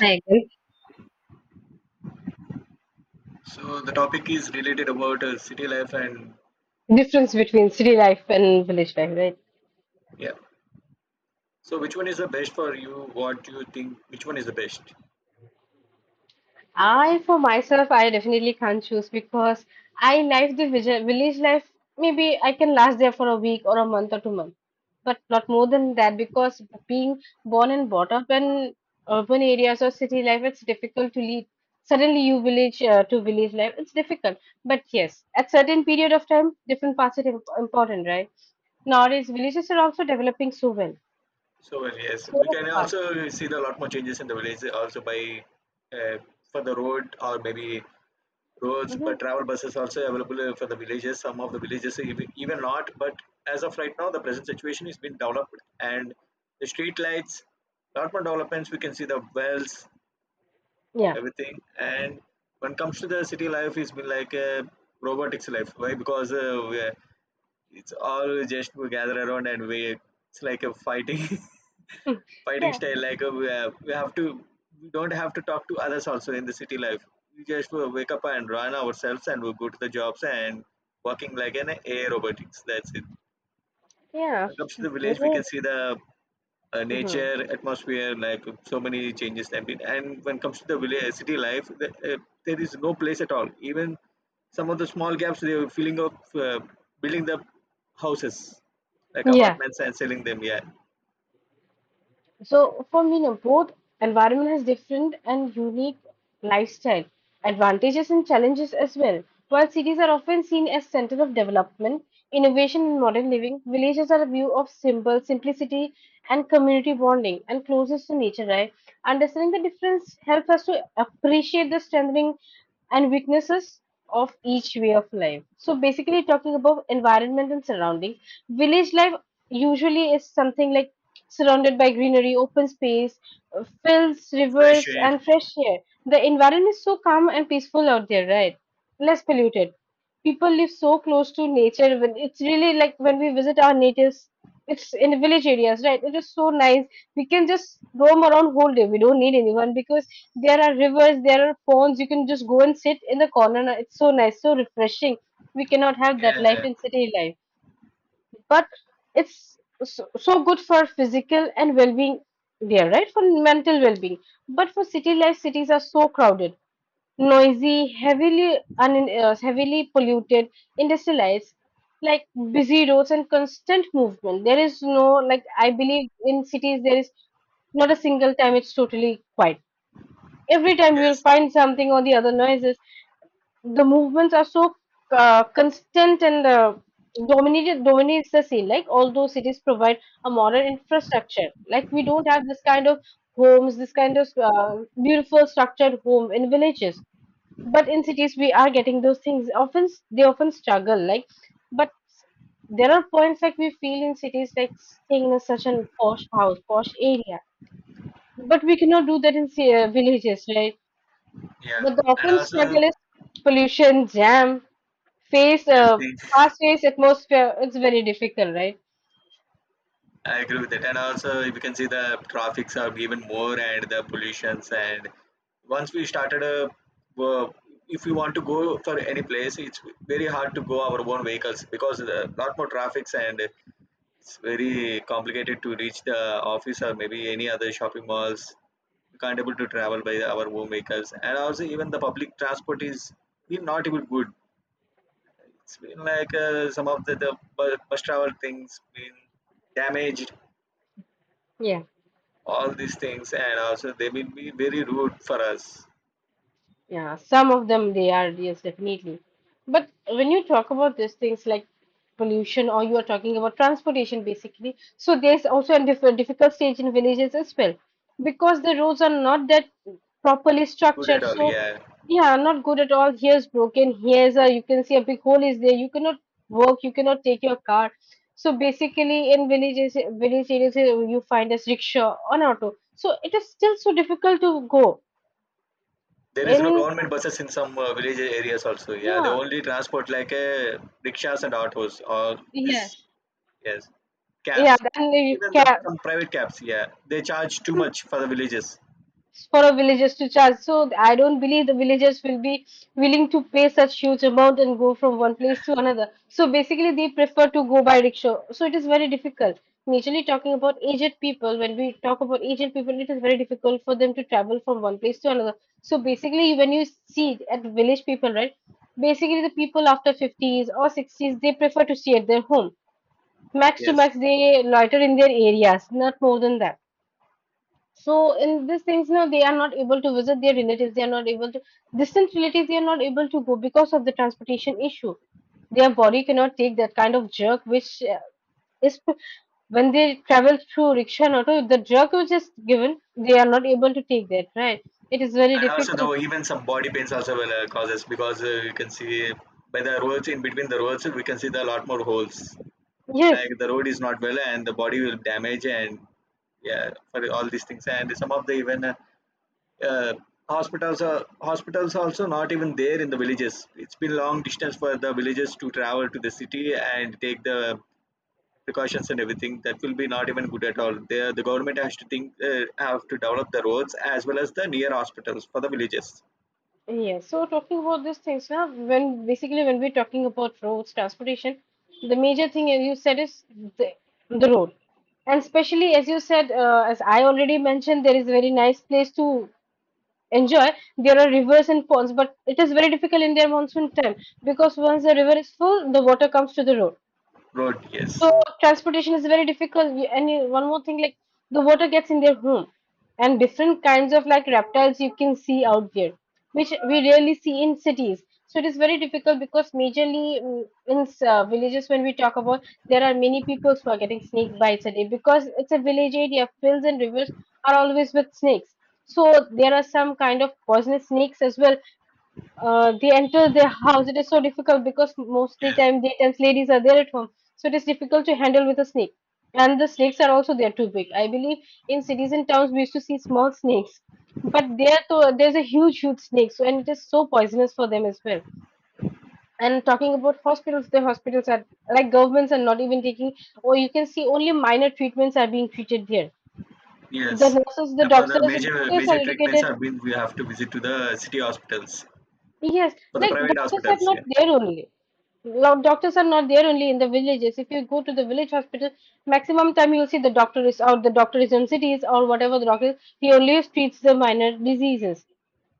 I agree. So the topic is related about city life and Difference between city life and village life, right? yeah. So which one is the best for you? What do you think? Which one is the best? I, for myself, I definitely can't choose because I like the village life. Maybe I can last there for a week or a month or 2 months, but not more than that because being born and brought up in urban areas or city life, it's difficult to leave. Suddenly, you village to village life, it's difficult. But yes, at certain period of time, different parts are important, right? Nowadays, villages are also developing so well, So well, yes, so we can fast. also see the lot more changes in the village also by uh, for the road or maybe roads, but Mhm. travel buses also available for the villages. Some of the villages even not, but as of right now, the present situation is been developed and the street lights, lot more developments. We can see the wells Yeah. everything. And when it comes to the city life, it's been like a robotics life. Why? Because we it's all just we gather around and we it's like a fighting Hmm. fighting Yeah, style. Like we have to We don't have to talk to others also in the city life. We just wake up and run ourselves and we go to the jobs and working like an AI robotics. That's it. When yeah. it comes to the village, we War. can see the Mhm. nature, atmosphere, like so many changes have been. And when it comes to the city life, there is no place at all. Even some of the small gaps, they were filling up, building the houses, like Yeah. apartments and selling them. Yeah, So for me, no, both environment has different and unique lifestyle advantages and challenges as well. While cities are often seen as center of development, innovation, and modern living, villages are a view of simple simplicity and community bonding and closest to nature. Right? Understanding the difference helps us to appreciate the strengthening and weaknesses of each way of life. So basically, talking about environment and surrounding, village life usually is something like surrounded by greenery, open space, fields, fresh rivers, air. and fresh air. The environment is so calm and peaceful out there, right? Less polluted. People live so close to nature. When it's really like when we visit our natives, it's in the village areas, right? It is so nice. We can just roam around whole day. We don't need anyone because there are rivers, there are ponds. You can just go and sit in the corner. It's so nice, so refreshing. We cannot have that Yeah, life in city life, but it's so, so good for physical and well-being there, right, for mental well-being. But for city life, cities are so crowded, noisy, heavily heavily polluted, industrialized, like busy roads and constant movement. There is no, like, I believe in cities there is not a single time it's totally quiet. Every time you will yes, find something or the other noises. The movements are so constant and dominated dominates the scene. Like all those cities provide a modern infrastructure, like we don't have this kind of homes, this kind of beautiful structured home in villages, but in cities we are getting those things. Often they often struggle, like, but there are points like we feel in cities like staying in such a posh house, posh area, but we cannot do that in villages, right? yeah, The and dolphin also struggle is pollution, jam, face everything. fast-paced atmosphere. It's very difficult, right? I agree with that. And also, if you can see the traffics are given more and the pollutions. And once we started, wo- if we want to go for any place, it's very hard to go our own vehicles because a lot more traffics and it's very complicated to reach the office or maybe any other shopping malls. We can't able to travel by our own vehicles. And also, even the public transport is been not even good. It's been like some of the, bus travel things been damaged, Yeah. all these things, and also they will be very rude for us. Yeah, some of them they are, yes, definitely. But when you talk about these things like pollution or you are talking about transportation basically, so there's also a difficult stage in villages as well because the roads are not that properly Good structured. at all, So, yeah. yeah, not good at all. Here's broken, here's a, you can see a big hole is there. You cannot work, you cannot take your car. So basically in villages, village areas, you find as rickshaw on auto. So it is still so difficult to go There is no in. government buses in some village areas also, yeah, they Yeah. only transport like rickshaws and autos or this, Yes. yes, Yeah, cabs. then you Even the can some private cabs, yeah, they charge too much for the villages. for a villagers to charge. So I don't believe the villagers will be willing to pay such huge amount and go from one place to another. So basically, they prefer to go by rickshaw. So it is very difficult. Majorly talking about aged people, when we talk about aged people, it is very difficult for them to travel from one place to another. So basically, when you see at village people, right? Basically, the people after 50s or 60s, they prefer to stay at their home. Max to Yes. max, they loiter in their areas, not more than that. So in these things, you know, they are not able to visit their relatives. They are not able to distant relatives. They are not able to go because of the transportation issue. Their body cannot take that kind of jerk, which is when they travel through rickshaw and auto. The jerk which is given, they are not able to take that. Right? It is very And also the difficult. even some body pains also will cause us because you can see by the roads, in between the roads we can see the lot more holes, like Yes. the road is not well and the body will damage. And yeah, for all these things, and some of the even uh, hospitals are hospitals also not even there in the villages. It's been long distance for the villages to travel to the city and take the precautions and everything, that will be not even good at all there. The government has to think, have to develop the roads as well as the near hospitals for the villages. Yeah, so talking about these things now, when basically when we're talking about roads, transportation, the major thing as you said is the, the road. And especially as you said, as I already mentioned, there is a very nice place to enjoy. There are rivers and ponds, but it is very difficult in their monsoon time because once the river is full, the water comes to the road. Road, yes. So transportation is very difficult. One more thing, like the water gets in their home, and different kinds of like reptiles you can see out there, which we rarely see in cities. So it is very difficult because majorly in villages, when we talk about, there are many people who are getting snake bites a day because it's a village area. Fields and rivers are always with snakes. So there are some kind of poisonous snakes as well, they enter their house. It is so difficult because most of the Yes, time the tense ladies are there at home, so it is difficult to handle with a snake. And the snakes are also there too big. I believe in cities and towns we used to see small snakes, but there though there's a huge, huge snake, so and it is so poisonous for them as well. And talking about hospitals, the hospitals are like governments are not even taking, or you can see only minor treatments are being treated there. The yes. nurses, the And for the doctors, major doctors are major treatments educated. have been, we have to visit to the city hospitals, Yes, for the like private doctors are hospitals. Yeah. not there only. Doctors are not there only in the villages. If you go to the village hospital, maximum time you'll see the doctor is out, the doctor is in cities or whatever the doctor is, he only treats the minor diseases.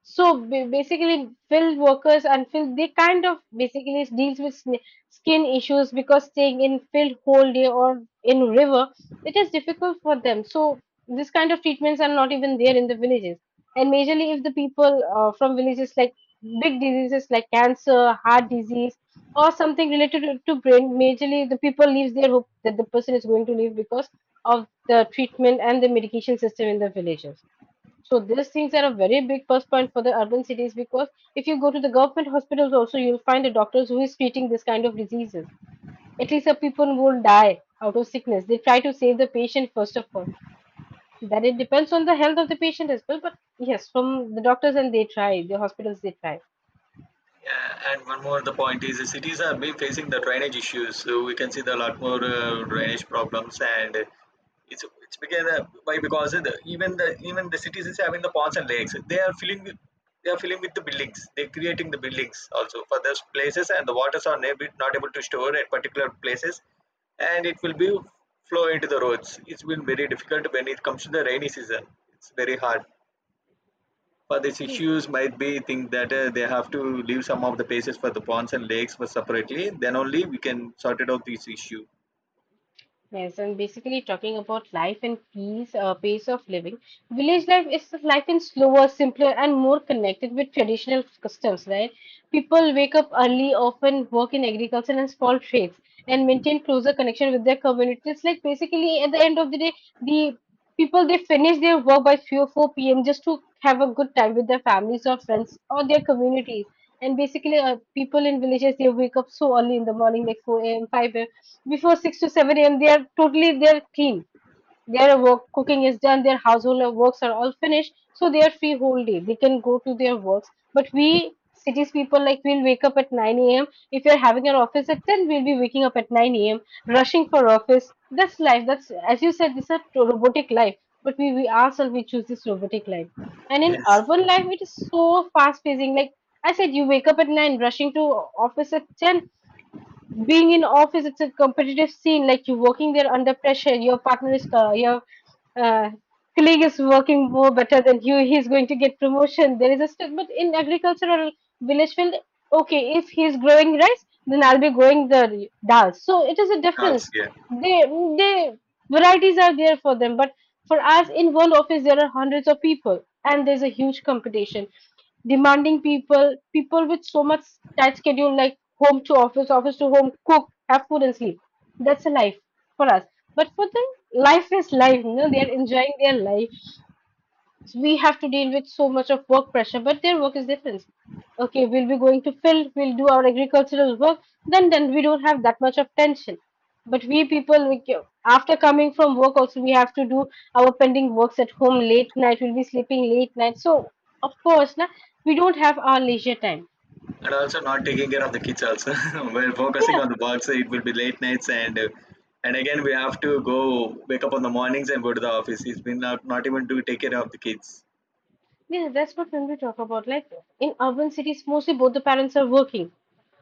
So basically, field workers and field they kind of basically deals with skin issues because staying in field whole day or in river, it is difficult for them. So this kind of treatments are not even there in the villages. And majorly, if the people from villages like big diseases like cancer, heart disease, or something related to brain, majorly the people leaves their hope that the person is going to live because of the treatment and the medication system in the villages. So these things are a very big plus point for the urban cities because if you go to the government hospitals also, you'll find the doctors who is treating this kind of diseases. At least the people won't die out of sickness. They try to save the patient first of all. That it depends on the health of the patient as well. But yes, from the doctors and they try, the hospitals they try. Yeah, and one more the point is the cities are been facing the drainage issues. So we can see the lot more drainage problems, and it's because why, because the, even the even the cities is having the ponds and lakes. They are filling with, they are filling with the buildings. They're creating the buildings also for those places, and the waters are not able to store at particular places, and it will be flow into the roads. It's been very difficult when it comes to the rainy season. It's very hard. For these issues, might be think that they have to leave some of the places for the ponds and lakes for separately, then only we can sort it out this issue. Yes, and basically talking about life and peace, pace of living. Village life is life in slower, simpler, and more connected with traditional customs, right? People wake up early, often work in agriculture and small trades, and maintain closer connection with their communities. Like basically, at the end of the day, the people they finish their work by 3 or 4 p.m. just to have a good time with their families or friends or their communities. And basically, people in villages they wake up so early in the morning, like 4 a.m., 5 a.m before 6 to 7 a.m. they are totally they're clean. Their work cooking is done, their household works are all finished, so they are free whole day. They can go to their works. But we cities people like we'll wake up at 9 a.m. If you're having an office at 10, we'll be waking up at 9 a.m. rushing for office. That's life. That's as you said, this is a robotic life. But we ourselves we choose this robotic life. And in Yes, urban life, it is so fast pacing. Like I said, you wake up at 9, rushing to office at 10, being in office it's a competitive scene, like you're working there under pressure. Your partner is your uh, colleague is working more better than you. He's going to get promotion. There is a step. But in agricultural village field, okay, if he's growing rice, then I'll be growing the dal. So it is a also, difference. yeah. they they varieties are there for them, but for us in one office there are hundreds of people and there's a huge competition, demanding people with so much tight schedule, like home to office, office to home, cook, have food, and sleep. That's a life for us. But for them, life is life, you know, they are enjoying their life. We have to deal with so much of work pressure, but their work is different. Okay, we'll be going to field, we'll do our agricultural work, then we don't have that much of tension. But we people, we, after coming from work, also we have to do our pending works at home late night. We'll be sleeping late night, so of course, na, we don't have our leisure time. And also not taking care of the kids also. We're focusing Yeah, on the work, so it will be late nights and again we have to go wake up on the mornings and go to the office. He's been not even to take care of the kids. yeah, that's what when we talk about. Like in urban cities, mostly both the parents are working.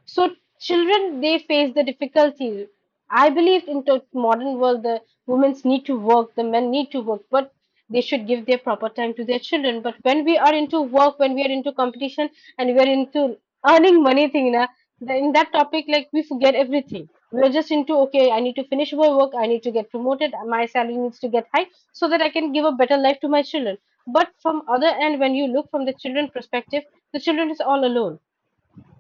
So children they face the difficulty. I believe in the modern world the women need to work, the men need to work, but they should give their proper time to their children. But when we are into work, when we are into competition and we are into earning money thing, na, in that topic like we forget everything. We are just into okay, I need to finish my work, I need to get promoted, my salary needs to get high so that I can give a better life to my children. But from other end, when you look from the children perspective, the children is all alone.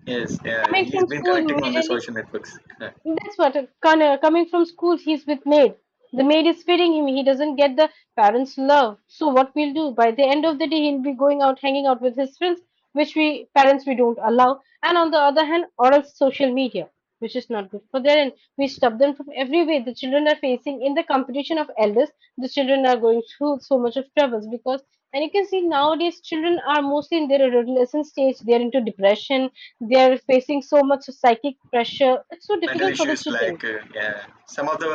Yes, yeah, Coming he's from been school connecting on the majorly social networks. that's what coming from school, he's with maid. The maid is feeding him. He doesn't get the parents' love. So what we'll do by the end of the day, he'll be going out, hanging out with his friends, which we parents we don't allow. And on the other hand, or else social media, which is not good for their end. We stop them from every way. The children are facing in the competition of elders. The children are going through so much of troubles because, and you can see nowadays children are mostly in their adolescent stage. They are into depression they're facing so much psychic pressure. It's so Mental difficult for the issues children. like yeah, some of the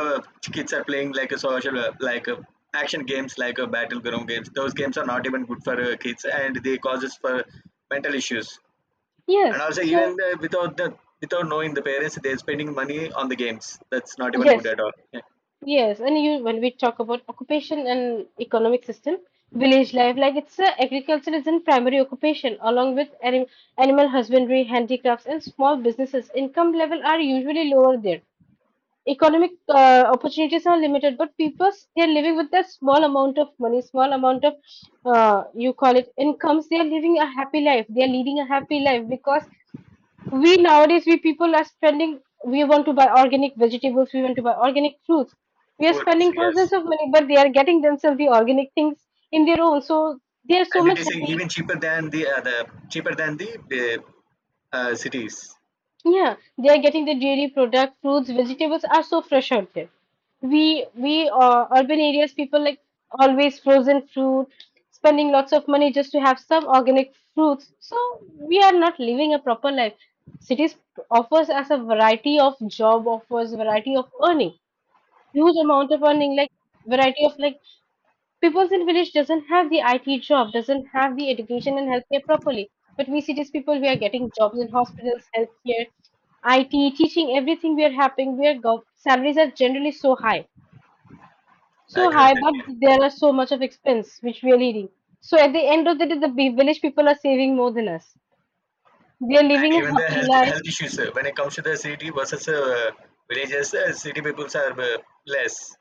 kids are playing like a social like action games like battleground games. Those games are not even good for kids, and they causes for mental issues. And Yes. also even So without the, without knowing the parents, they're spending money on the games. That's not even good yes, at all, yeah. yes. And you when we talk about occupation and economic system, village life, like it's agriculture is in primary occupation along with animal husbandry, handicrafts, and small businesses. Income level are usually lower there. Economic opportunities are limited, but people they're living with that small amount of money, small amount of you call it incomes. They are living a happy life. They are leading a happy life because we nowadays we people are spending, we want to buy organic vegetables, we want to buy organic fruits, we are Food, spending yes. thousands of money but they are getting themselves the organic things in their own, so they are so And it much is happy. even cheaper than the cheaper than the uh, cities. Yeah, they are getting the dairy product, fruits, vegetables are so fresh out there. We urban areas people like always frozen fruit, spending lots of money just to have some organic fruits. So we are not living a proper life. Cities offers us a variety of job offers, variety of earning, huge amount of earning, like variety of like peoples in village doesn't have the IT job, doesn't have the education and healthcare properly. But we cities people, we are getting jobs in hospitals, healthcare, IT, teaching, everything we are having. Salaries are generally I so agree with high, that, but yeah. there are so much of expense which we are leading. So at the end of the day, the village people are saving more than us. They are living And a even the happy health life. health issues when it comes to the city versus villages, city peoples are less,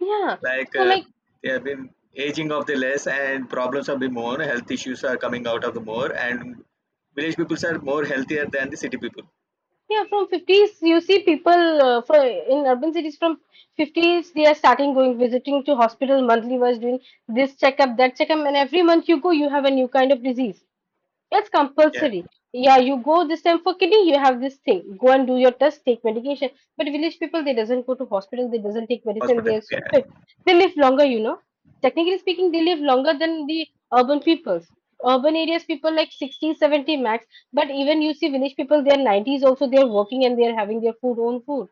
Yeah. like So like they have been aging of the less, and problems have been more, health issues are coming out of the more, and village peoples are more healthier than the city people. yeah, from 50s, you see people from in urban cities from 50s, they are starting going visiting to hospital monthly was doing this checkup, that checkup, and every month you go, you have a new kind of disease. It's Yeah, compulsory. Yeah, you go this time for kidney, you have this thing. Go and do your test, take medication. But village people, they doesn't go to hospital, they doesn't take medicine, they hospital, are so yeah. fit. They live longer, you know. Technically speaking, they live longer than the urban peoples. Urban areas people like 60, 70 max. But even you see village people, they are 90s also, they are working and they are having their food, own food.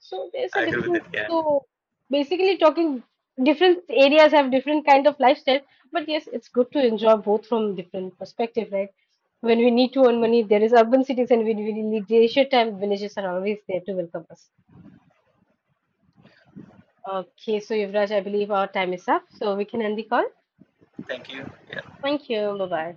So there's I a agree with difference. that, yeah. So basically talking different areas have different kind of lifestyle, but yes, it's good to enjoy both from different perspective, right? When we need to earn money, there is urban cities, and when we need leisure time, villages are always there to welcome us. Okay, so Yuvraj, I believe our time is up, so we can end the call. Thank you. Yeah. Thank you. Bye bye.